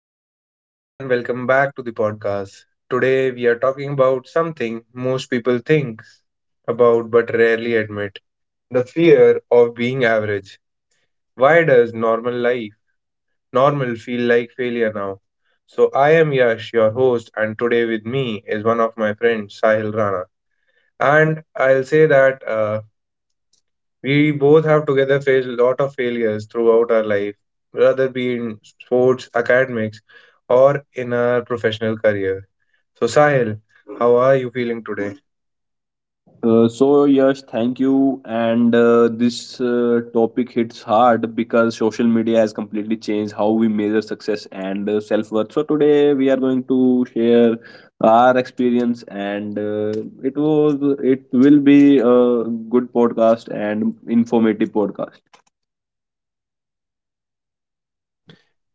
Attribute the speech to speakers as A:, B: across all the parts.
A: Hello, everyone, and welcome back to the podcast. Today, we are talking about something most people think about but rarely admit the fear of being average. Why does normal life, normal, feel like failure now? So, I am Yash, your host, and today with me is one of my friends, Sahil Rana. And I'll say that we both have together faced a lot of failures throughout our life, whether be in sports, academics, or in our professional career. So, Sahil, how are you feeling today?
B: So yes, thank you. And this topic hits hard because social media has completely changed how we measure success and self-worth. So today we are going to share our experience, and it was it will be a good podcast and informative podcast.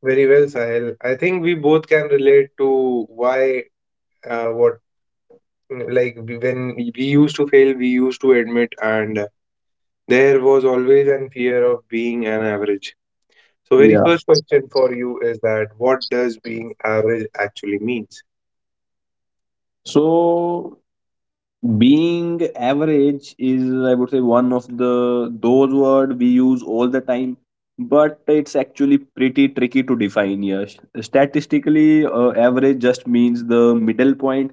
A: Very well, Sahil. I think we both can relate to why, uh, what, like when we used to fail, we used to admit, and there was always an fear of being an average. So, very
B: Yeah.
A: first question for you is that what does being average actually means?
B: So being average is I would say one of the those word we use all the time, but it's actually pretty tricky to define. Yes, statistically average just means the middle point,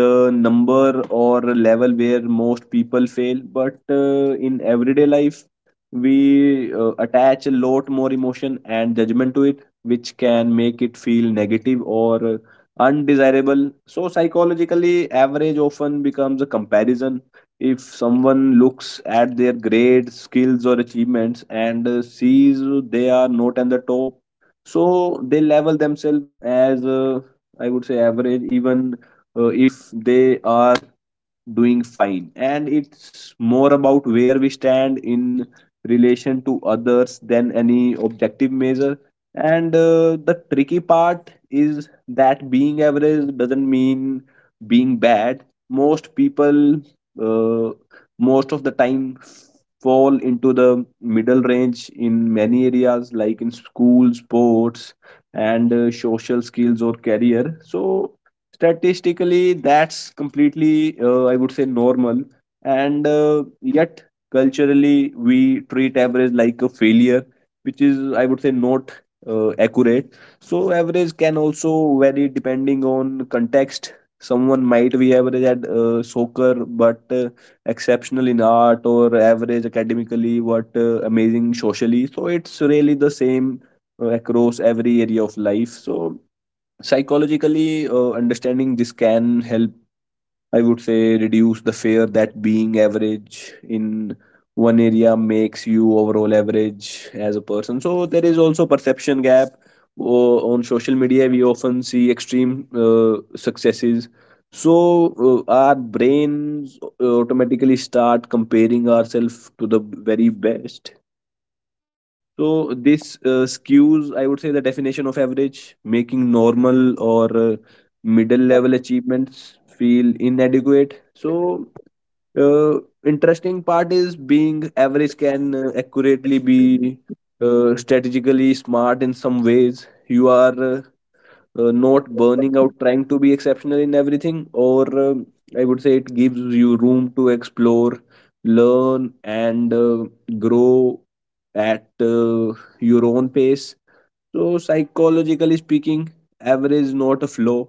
B: the number or level where most people fail, but in everyday life we attach a lot more emotion and judgment to it, which can make it feel negative or undesirable. So, psychologically, average often becomes a comparison. If someone looks at their grades, skills, or achievements and sees they are not at the top, so they level themselves as, I would say, average, even if they are doing fine, and it's more about where we stand in relation to others than any objective measure. And the tricky part is that being average doesn't mean being bad. Most people uh, most of the time fall into the middle range in many areas like in school, sports, and social skills or career. So statistically, that's completely, I would say, normal. And yet, culturally, we treat average like a failure, which is, I would say, not accurate. So, average can also vary depending on context. Someone might be average at soccer, but exceptional in art, or average academically, but amazing socially. So, it's really the same across every area of life. So, psychologically understanding this can help, I would say, reduce the fear that being average in one area makes you overall average as a person. So there is also perception gap. On social media we often see extreme successes, so our brains automatically start comparing ourselves to the very best. So this skews, I would say, the definition of average, making normal or middle level achievements feel inadequate. So uh, interesting part is being average can accurately be strategically smart in some ways. You are not burning out trying to be exceptional in everything, or I would say it gives you room to explore, learn, and grow at your own pace. So psychologically speaking, average not a flaw,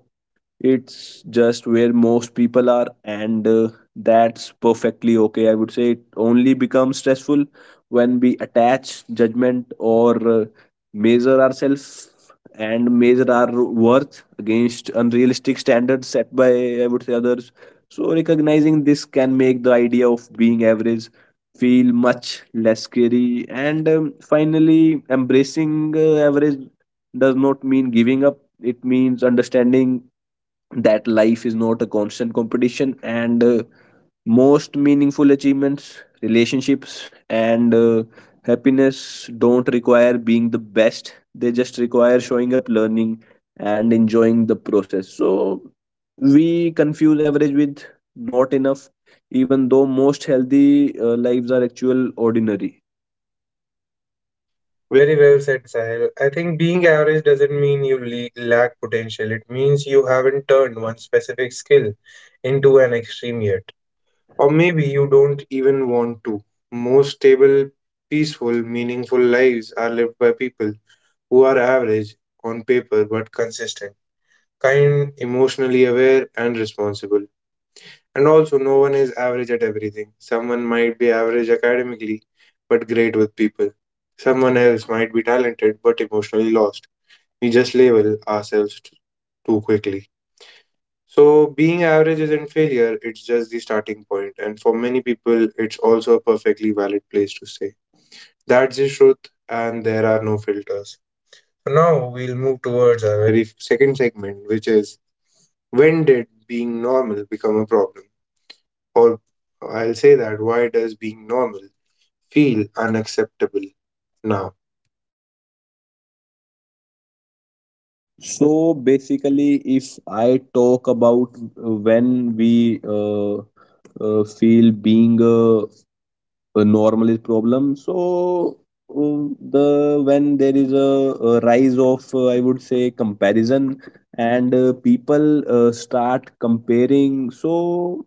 B: it's just where most people are, and that's perfectly okay. I would say it only becomes stressful when we attach judgment or measure ourselves and measure our worth against unrealistic standards set by, I would say, others. So, recognizing this can make the idea of being average feel much less scary. And finally, embracing average does not mean giving up, it means understanding that life is not a constant competition, and most meaningful achievements, relationships, and happiness don't require being the best. They just require showing up, learning, and enjoying the process. So we confuse average with not enough, even though most healthy lives are actual ordinary.
A: Very well said, Sahil. I think being average doesn't mean you lack potential. It means you haven't turned one specific skill into an extreme yet. Or maybe you don't even want to. Most stable, peaceful, meaningful lives are lived by people who are average on paper but consistent, kind, emotionally aware, and responsible. And also, no one is average at everything. Someone might be average academically but great with people. Someone else might be talented but emotionally lost. We just label ourselves too quickly. So, being average isn't failure, it's just the starting point, and for many people, it's also a perfectly valid place to stay. That's the truth, and there are no filters. So now, we'll move towards our very second segment, which is when did being normal become a problem? Or I'll say that why does being normal feel unacceptable now?
B: So basically if I talk about when we feel being a normal is problem. So the when there is a rise of I would say comparison, and people start comparing. So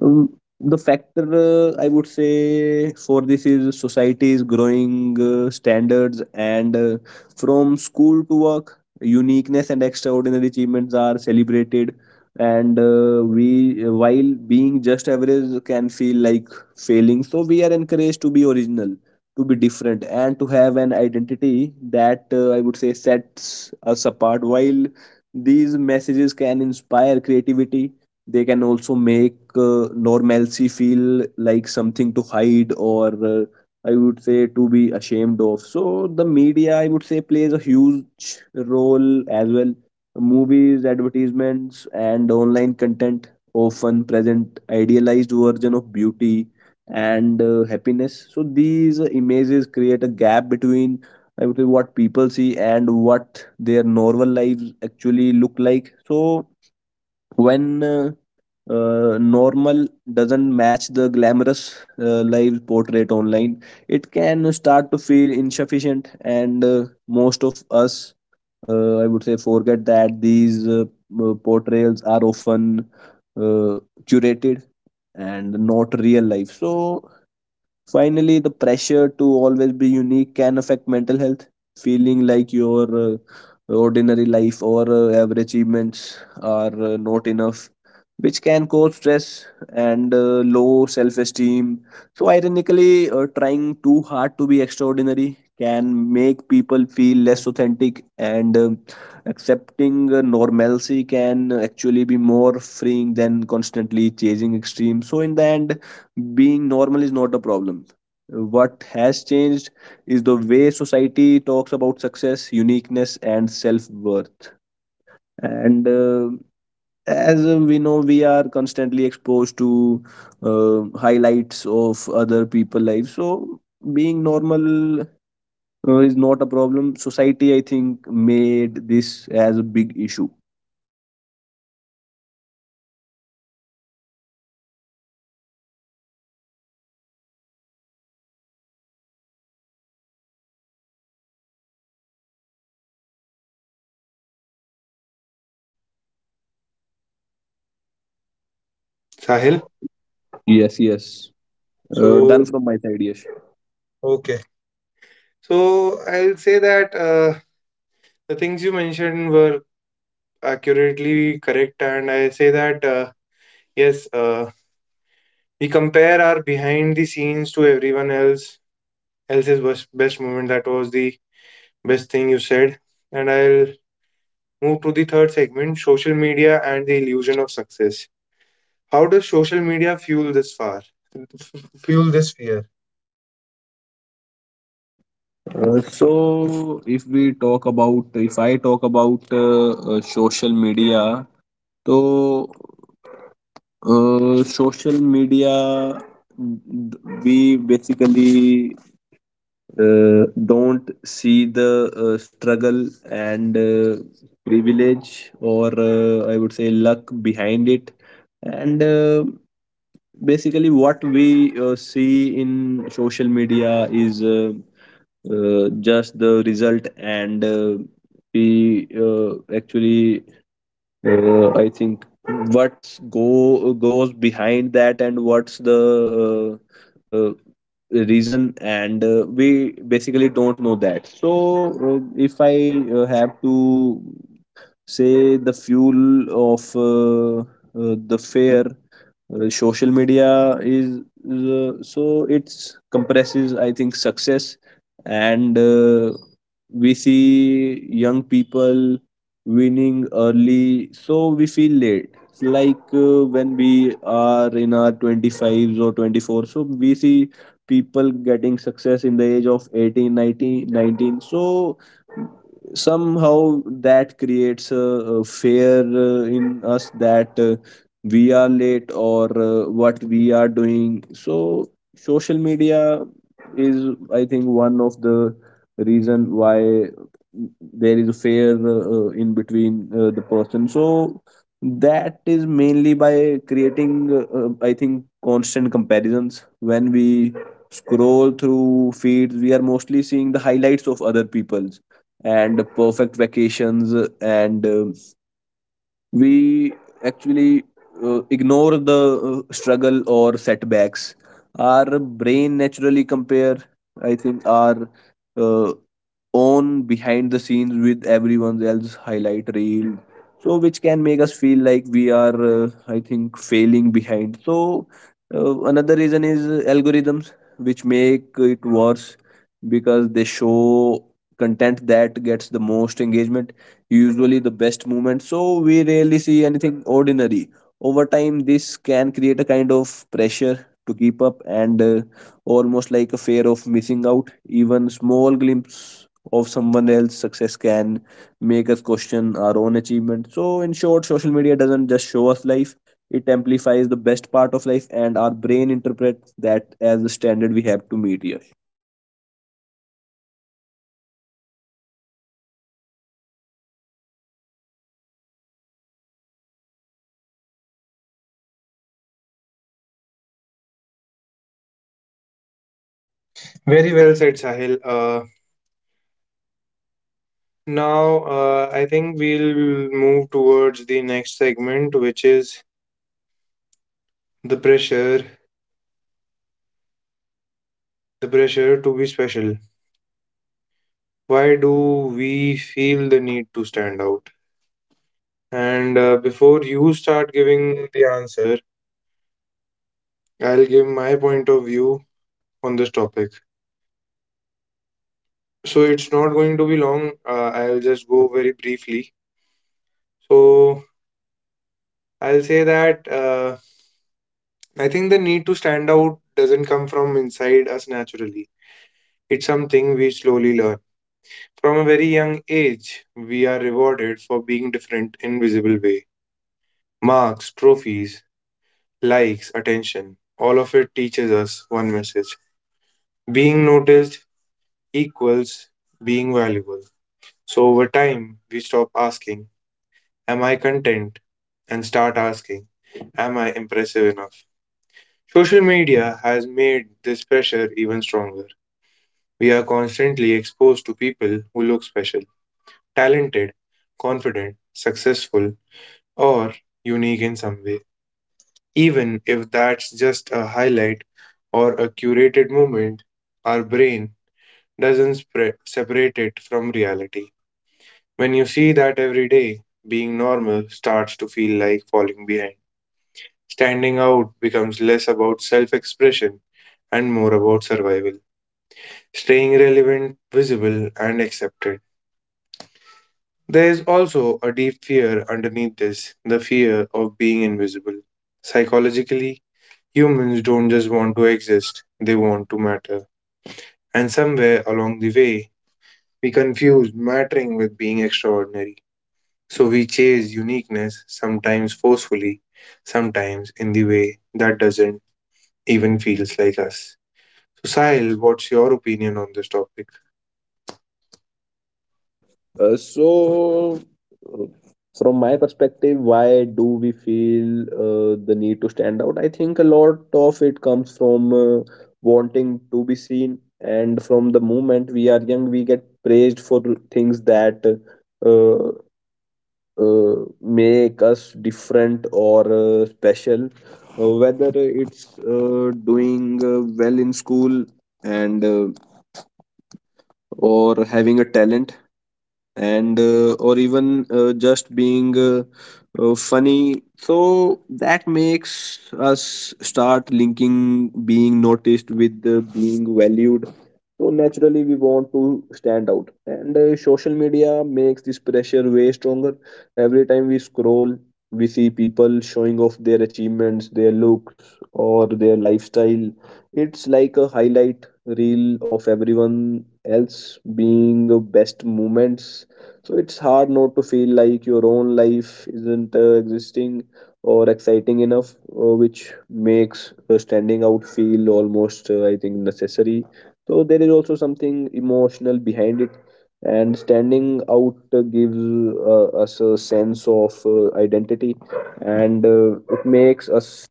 B: um, the factor I would say for this is society's growing standards, and from school to work, uniqueness and extraordinary achievements are celebrated. And while being just average, can feel like failing. So we are encouraged to be original, to be different, and to have an identity that I would say sets us apart. While these messages can inspire creativity, they can also make normalcy feel like something to hide or I would say to be ashamed of. So the media, I would say, plays a huge role as well. Movies, advertisements, and online content often present idealized version of beauty and happiness. So these images create a gap between, I would say, what people see and what their normal lives actually look like. So when normal doesn't match the glamorous live portrait online, it can start to feel insufficient. And most of us I would say forget that these portrayals are often uh, curated and not real life. So finally, the pressure to always be unique can affect mental health. Feeling like your ordinary life or average achievements are not enough, which can cause stress and low self esteem. So, ironically, trying too hard to be extraordinary can make people feel less authentic, and accepting normalcy can actually be more freeing than constantly chasing extremes. So, in the end, being normal is not a problem. What has changed is the way society talks about success, uniqueness, and self worth. And as we know, we are constantly exposed to highlights of other people' lives. So, being normal is not a problem. Society, I think, made this as a big issue.
A: Sahil?
B: Yes, yes. Done
A: So,
B: from my side, yes.
A: okay. So I'll say that the things you mentioned were accurately correct and I say that yes uh, we compare our behind the scenes to everyone else else's best, best moment. That was the best thing you said, and I'll move to the third segment, social media and the illusion of success. How does social media fuel this fuel this fear?
B: If I talk about social media, so social media we basically uh, don't see the struggle and privilege or I would say luck behind it. And basically what we see in social media is just the result. And we actually I think what's go goes behind that and what's the uh, uh, reason, and we basically don't know that. So if I have to say the fuel of uh, the fair, social media is so it's compresses, I think, success. And we see young people winning early, so we feel late. It's like when we are in our 25s or 24, so we see people getting success in the age of 18, 19, 19. So somehow that creates a fear in us that we are late or what we are doing. So social media is, I think, one of the reason why there is a fair in between the person. So that is mainly by creating I think constant comparisons. When we scroll through feeds, we are mostly seeing the highlights of other people's and the perfect vacations, and we actually ignore the struggle or setbacks. Our brain naturally compare, I think, our uh, own behind the scenes with everyone else highlight reel, so which can make us feel like we are I think failing behind. So another reason is algorithms, which make it worse because they show content that gets the most engagement, usually the best movement, so we rarely see anything ordinary. Over time, this can create a kind of pressure to keep up, and almost like a fear of missing out. Even small glimpse of someone else's success can make us question our own achievement. So, in short, social media doesn't just show us life, it amplifies the best part of life, and our brain interprets that as the standard we have to meet here.
A: Very well said, Sahil. Now I think we'll move towards the next segment, which is the pressure, the pressure to be special. Why do we feel the need to stand out? And before you start giving the answer, I'll give my point of view on this topic. So it's not going to be long. I'll just go very briefly. So I'll say that I think the need to stand out doesn't come from inside us naturally. It's something we slowly learn. From a very young age, we are rewarded for being different in visible way. Marks, trophies, likes, attention, all of it teaches us one message: being noticed equals being valuable. So over time, we stop asking, "Am I content?" and start asking, "Am I impressive enough?" Social media has made this pressure even stronger. We are constantly exposed to people who look special, talented, confident, successful, or unique in some way. Even if that's just a highlight or a curated moment, our brain doesn't separate it from reality. When you see that every day, being normal starts to feel like falling behind. Standing out becomes less about self expression and more about survival, staying relevant, visible, and accepted. There is also a deep fear underneath this, the fear of being invisible. Psychologically, humans don't just want to exist, they want to matter. And somewhere along the way, we confused mattering with being extraordinary. So we chase uniqueness, sometimes forcefully, sometimes in the way that doesn't even feels like us. So Sahil, what's your opinion on this topic?
B: Uh, so, uh, from my perspective, why do we feel the need to stand out? I think a lot of it comes from wanting to be seen, and from the moment we are young, we get praised for things that uh, uh, make us different or special. Whether it's doing well in school, and or having a talent, and or even just being funny. So that makes us start linking being noticed with being valued. So naturally we want to stand out, and social media makes this pressure way stronger. Every time we scroll, we see people showing off their achievements, their looks, or their lifestyle. It's like a highlight reel of everyone else being best moments. So it's hard not to feel like your own life isn't existing or exciting enough, which makes standing out feel almost, I think, necessary. So there is also something emotional behind it, and standing out gives us a sense of identity, and it makes us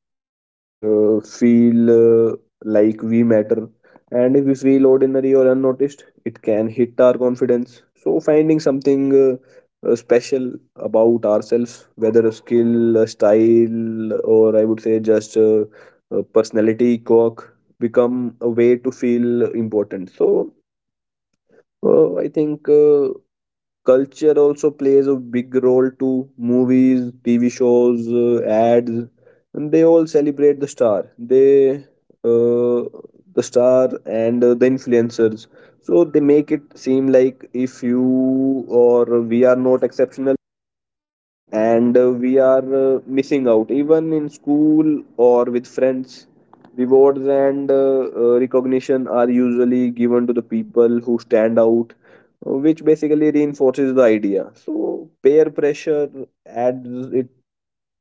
B: feel uh, like we matter. And if we feel ordinary or unnoticed, it can hit our confidence. So, finding something special about ourselves, whether a skill, a style, or I would say just a personality quirk, become a way to feel important. So, I think. Culture also plays a big role too. Movies, TV shows, ads, and they all celebrate the star, uh, the star and the influencers. So they make it seem like if you or we are not exceptional, and we are missing out. Even in school or with friends, rewards and recognition are usually given to the people who stand out, which basically reinforces the idea. So peer pressure adds it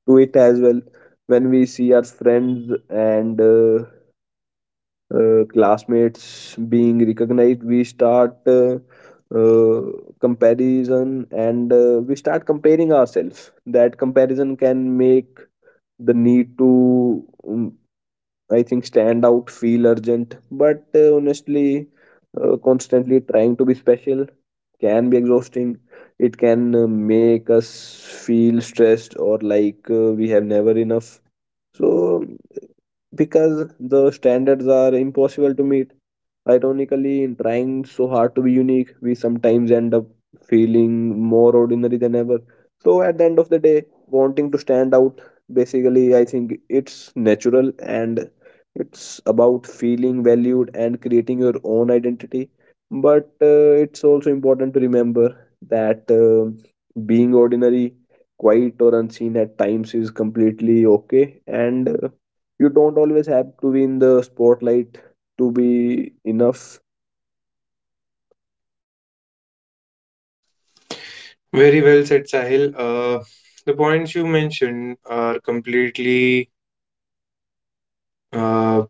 B: to it as well. When we see our friends and classmates being recognized, we start uh, comparison, and we start comparing ourselves. That comparison can make the need to I think stand out feel urgent. But honestly, constantly trying to be special can be exhausting. It can make us feel stressed, or like we have never enough, so because the standards are impossible to meet. Like, ironically, in trying so hard to be unique, we sometimes end up feeling more ordinary than ever. So, at the end of the day, wanting to stand out, basically, I think it's natural, and it's about feeling valued and creating your own identity. But it's also important to remember that being ordinary, quiet, or unseen at times is completely okay, and you don't always have to be in the spotlight to be enough.
A: Very well said, Sahil. The points you mentioned are completely uh,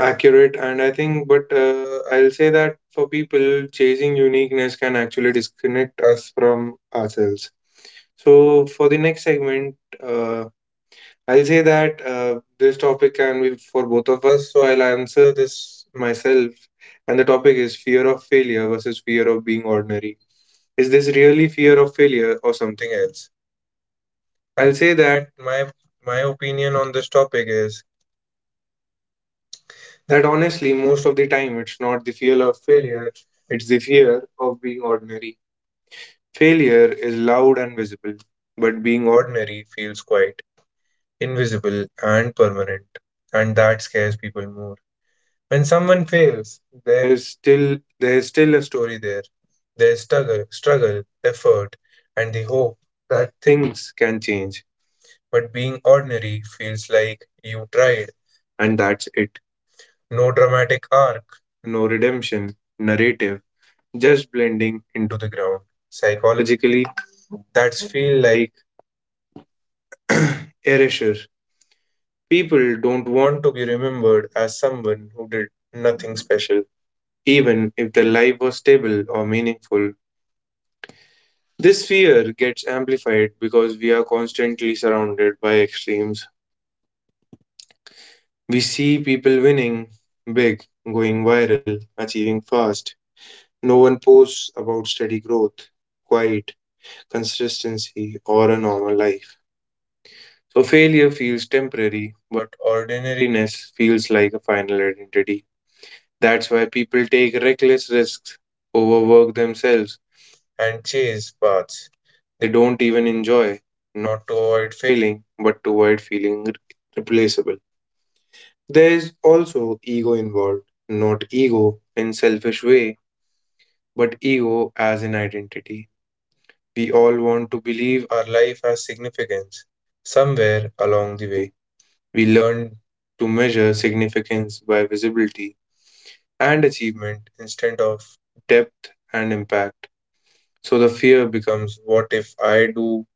A: accurate, and I think, but I'll say that for people, chasing uniqueness can actually disconnect us from ourselves. So for the next segment, uh, I'll say that this topic can be for both of us. So I'll answer this myself, and the topic is fear of failure versus fear of being ordinary. Is this really fear of failure or something else? I'll say that my opinion on this topic is that honestly, most of the time, it's not the fear of failure; it's the fear of being ordinary. Failure is loud and visible, but being ordinary feels quiet, invisible and permanent, and that scares people more. When someone fails, there's still there's still a story there. There's struggle, effort, and the hope that things can change. But being ordinary feels like you tried and that's it. No dramatic arc, no redemption narrative, just blending into the ground. Psychologically, that's feel like erasure. People don't want to be remembered as someone who did nothing special, even if their life was stable or meaningful. This fear gets amplified because we are constantly surrounded by extremes. We see people winning big, going viral, achieving fast. No one posts about steady growth, quiet, consistency, or a normal life. So failure feels temporary, but ordinariness feels like a final identity. That's why people take reckless risks, overwork themselves, and chase paths they don't even enjoy, not to avoid failing, but to avoid feeling replaceable. There is also ego involved, not ego in selfish way, but ego as an identity. We all want to believe our life has significance. Somewhere along the way, we learn to measure significance by visibility and achievement instead of depth and impact. So the fear becomes, what if I do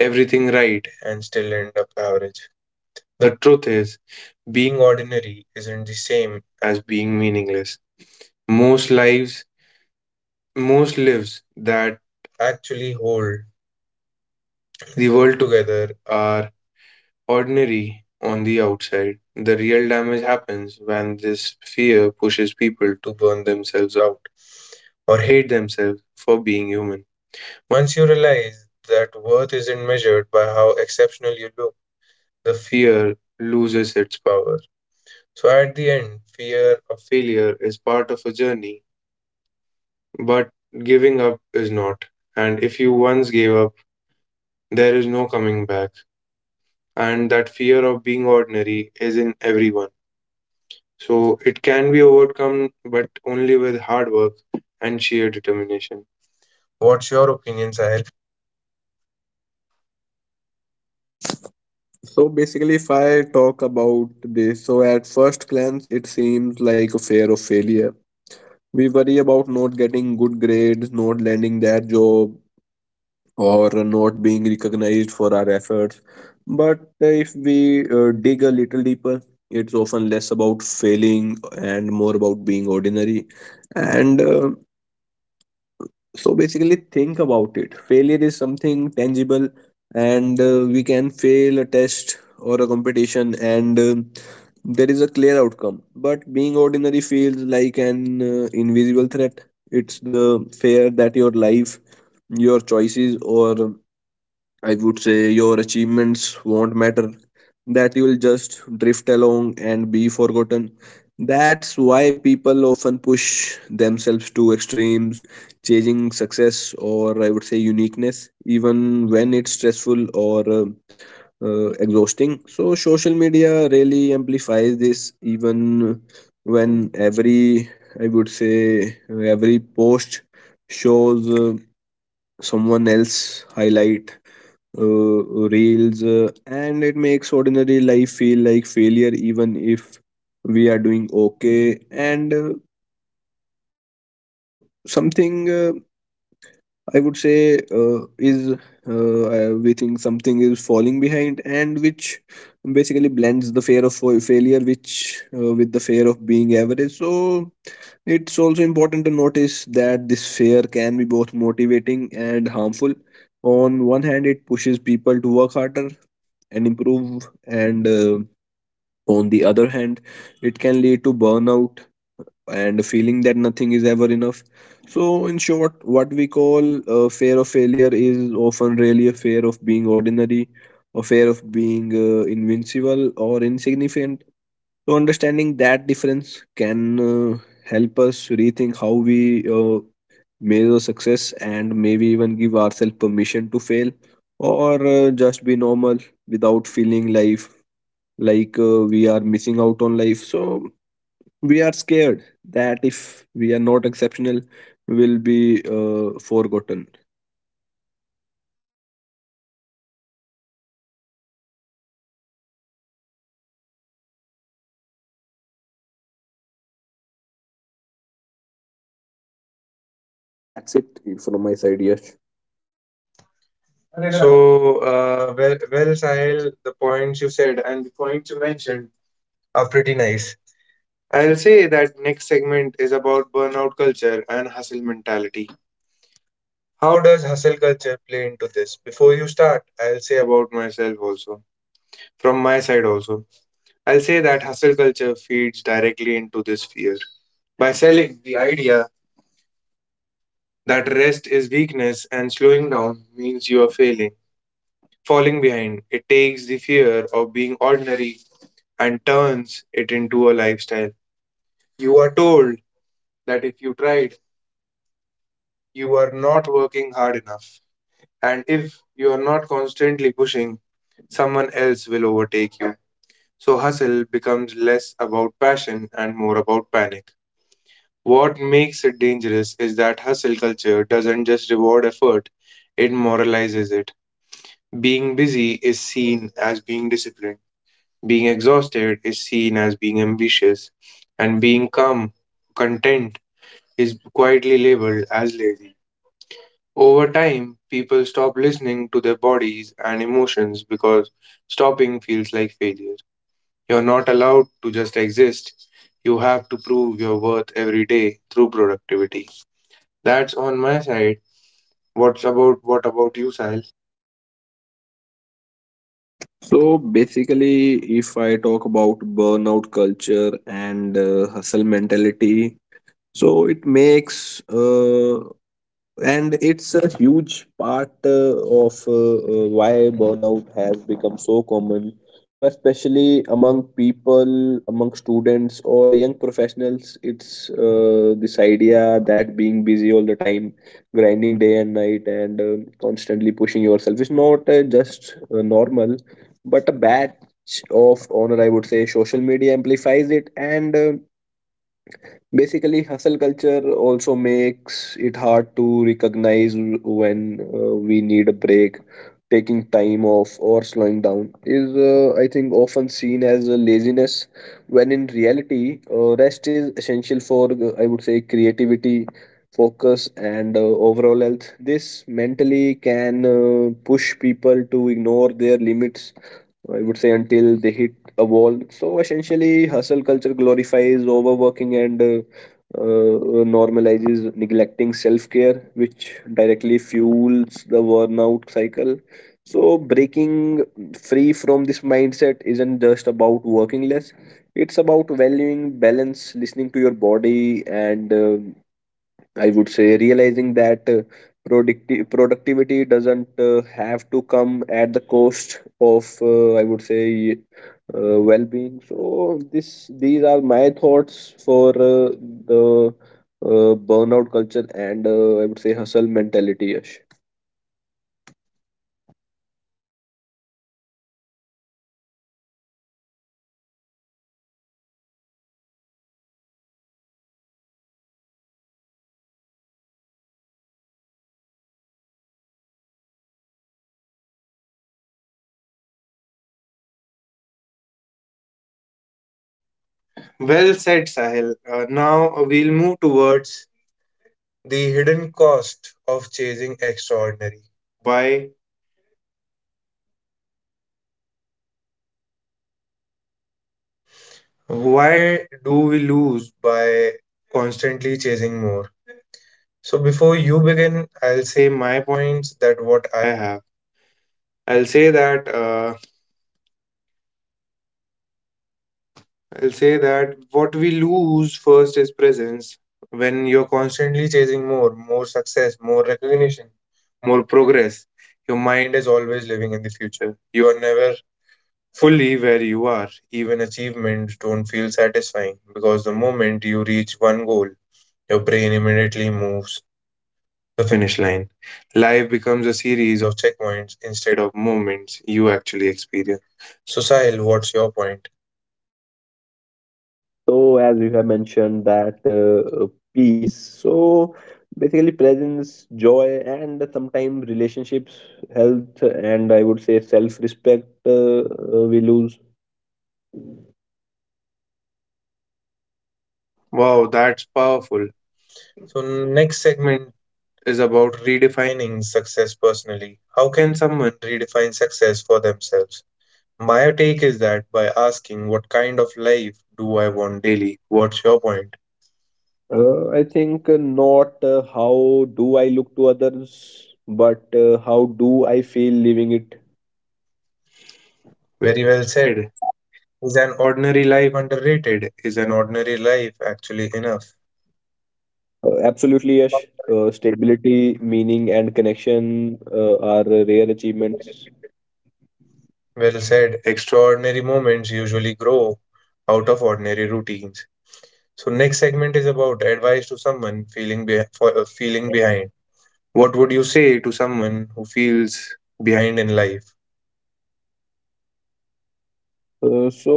A: everything right and still end up average? The truth is, being ordinary isn't the same as being meaningless. Most lives, most lives that actually hold the world together are ordinary on the outside. The real damage happens when this fear pushes people to burn themselves out or hate themselves for being human. Once you realize that worth isn't measured by how exceptional you look, the fear loses its power. So at the end, fear of failure is part of a journey, but giving up is not. And if you once gave up, there is no coming back. And that fear of being ordinary is in everyone. So it can be overcome, but only with hard work and sheer determination. What's your opinion, Sahil?
B: So basically, if I talk about this, so at first glance, it seems like a fear of failure. We worry about not getting good grades, not landing that job, or not being recognized for our efforts. But if we dig a little deeper, it's often less about failing and more about being ordinary. And So basically, think about it. Failure is something tangible, and we can fail a test or a competition, and there is a clear outcome. But being ordinary feels like an invisible threat. It's the fear that your life, your choices, or I would say your achievements won't matter, that you will just drift along and be forgotten. That's why people often push themselves to extremes, chasing success, or I would say uniqueness, even when it's stressful or exhausting. So, social media really amplifies this. Even when every, I would say every post shows someone else highlight reels, and it makes ordinary life feel like failure, even if we are doing okay. And Something I would say is, we think something is falling behind, and which basically blends the fear of failure, which with the fear of being average. So it's also important to notice that this fear can be both motivating and harmful. On one hand, it pushes people to work harder and improve, and on the other hand, it can lead to burnout and feeling that nothing is ever enough. So in short, what we call fear of failure is often really a fear of being ordinary, a fear of being invincible or insignificant. So understanding that difference can help us rethink how we measure success, and maybe even give ourselves permission to fail, or just be normal without feeling life like we are missing out on life. So we are scared that if we are not exceptional, will be forgotten. That's it from my side. Yes.
A: So, well, Sahil, the points you said and the points you mentioned are pretty nice. I'll say that next segment is about burnout culture and hustle mentality. How does hustle culture play into this? Before you start, I'll say about myself also. From my side also, I'll say that hustle culture feeds directly into this fear by selling the idea that rest is weakness and slowing down means you are failing, falling behind. It takes the fear of being ordinary and turns it into a lifestyle. You are told that if you tried, you are not working hard enough. And if you are not constantly pushing, someone else will overtake you. So hustle becomes less about passion and more about panic. What makes it dangerous is that hustle culture doesn't just reward effort, it moralizes it. Being busy is seen as being disciplined, being exhausted is seen as being ambitious, and being calm, content is quietly labeled as lazy. Over time, people stop listening to their bodies and emotions because stopping feels like failure. You're not allowed to just exist. You have to prove your worth every day through productivity. That's on my side. What about you, Sahil?
B: So basically, if I talk about burnout culture and hustle mentality, so it makes and it's a huge part of why burnout has become so common. So especially among people, among students or young professionals, it's this idea that being busy all the time, grinding day and night, and constantly pushing yourself is not just normal, but a batch of honor. I would say social media amplifies it, and basically hustle culture also makes it hard to recognize when we need a break. Taking time off or slowing down is, I think, often seen as a laziness, when in reality, rest is essential for, I would say, creativity, focus, and overall health. This mentally can push people to ignore their limits, I would say until they hit a wall. So essentially, hustle culture glorifies overworking, and normalizes neglecting self care, which directly fuels the burnout cycle. So, breaking free from this mindset isn't just about working less. It's about valuing balance, listening to your body, and I would say realizing that productivity doesn't have to come at the cost of I would say well-being. So this, these are my thoughts for the burnout culture and I would say hustle mentality, Yash.
A: Well said, Sahil. Now we'll move towards the hidden cost of chasing extraordinary. Why? Why do we lose by constantly chasing more? So before you begin, I'll say my points that what I have. I'll say that what we lose first is presence. When you're constantly chasing more, more success, more recognition, more progress, your mind is always living in the future. You are never fully where you are. Even achievements don't feel satisfying because the moment you reach one goal, your brain immediately moves the finish line. Life becomes a series of checkpoints instead of moments you actually experience. So, Sahil, what's your point?
B: So as we have mentioned that peace. So basically presence, joy, and sometimes relationships, health, and I would say self-respect, we lose.
A: Wow, that's powerful. So, next segment is about redefining success personally. How can someone redefine success for themselves? My take is that by asking, what kind of life do I want daily? What's your point?
B: I think not how do I look to others, but how do I feel leaving it?
A: Very well said. Is an ordinary life underrated? Is an ordinary life actually enough?
B: Absolutely, Yash. Stability, meaning, and connection are rare achievements.
A: Well said. Extraordinary moments usually grow out of ordinary routines. So next segment is about advice to someone feeling be- for feeling behind. What would you say to someone who feels behind in life?
B: Uh, so,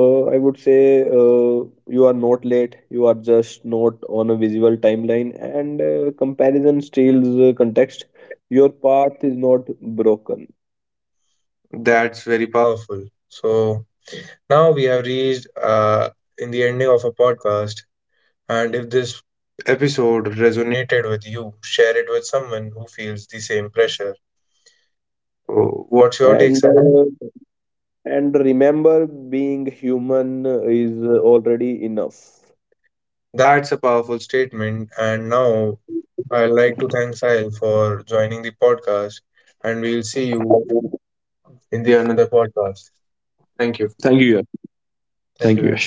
B: uh, I would say you are not late, you are just not on a visual timeline, and comparison steals context. Your path is not broken,
A: That's very powerful. So now we have reached in the ending of a podcast, and if this episode resonated with you, share it with someone who feels the same pressure. So what's your take,
B: and
A: Sahar?
B: uh, And remember, being human is already enough.
A: That's a powerful statement, and now I'd like to thank Sahil for joining the podcast, and we'll see you in the another podcast. Thank you. Thank you.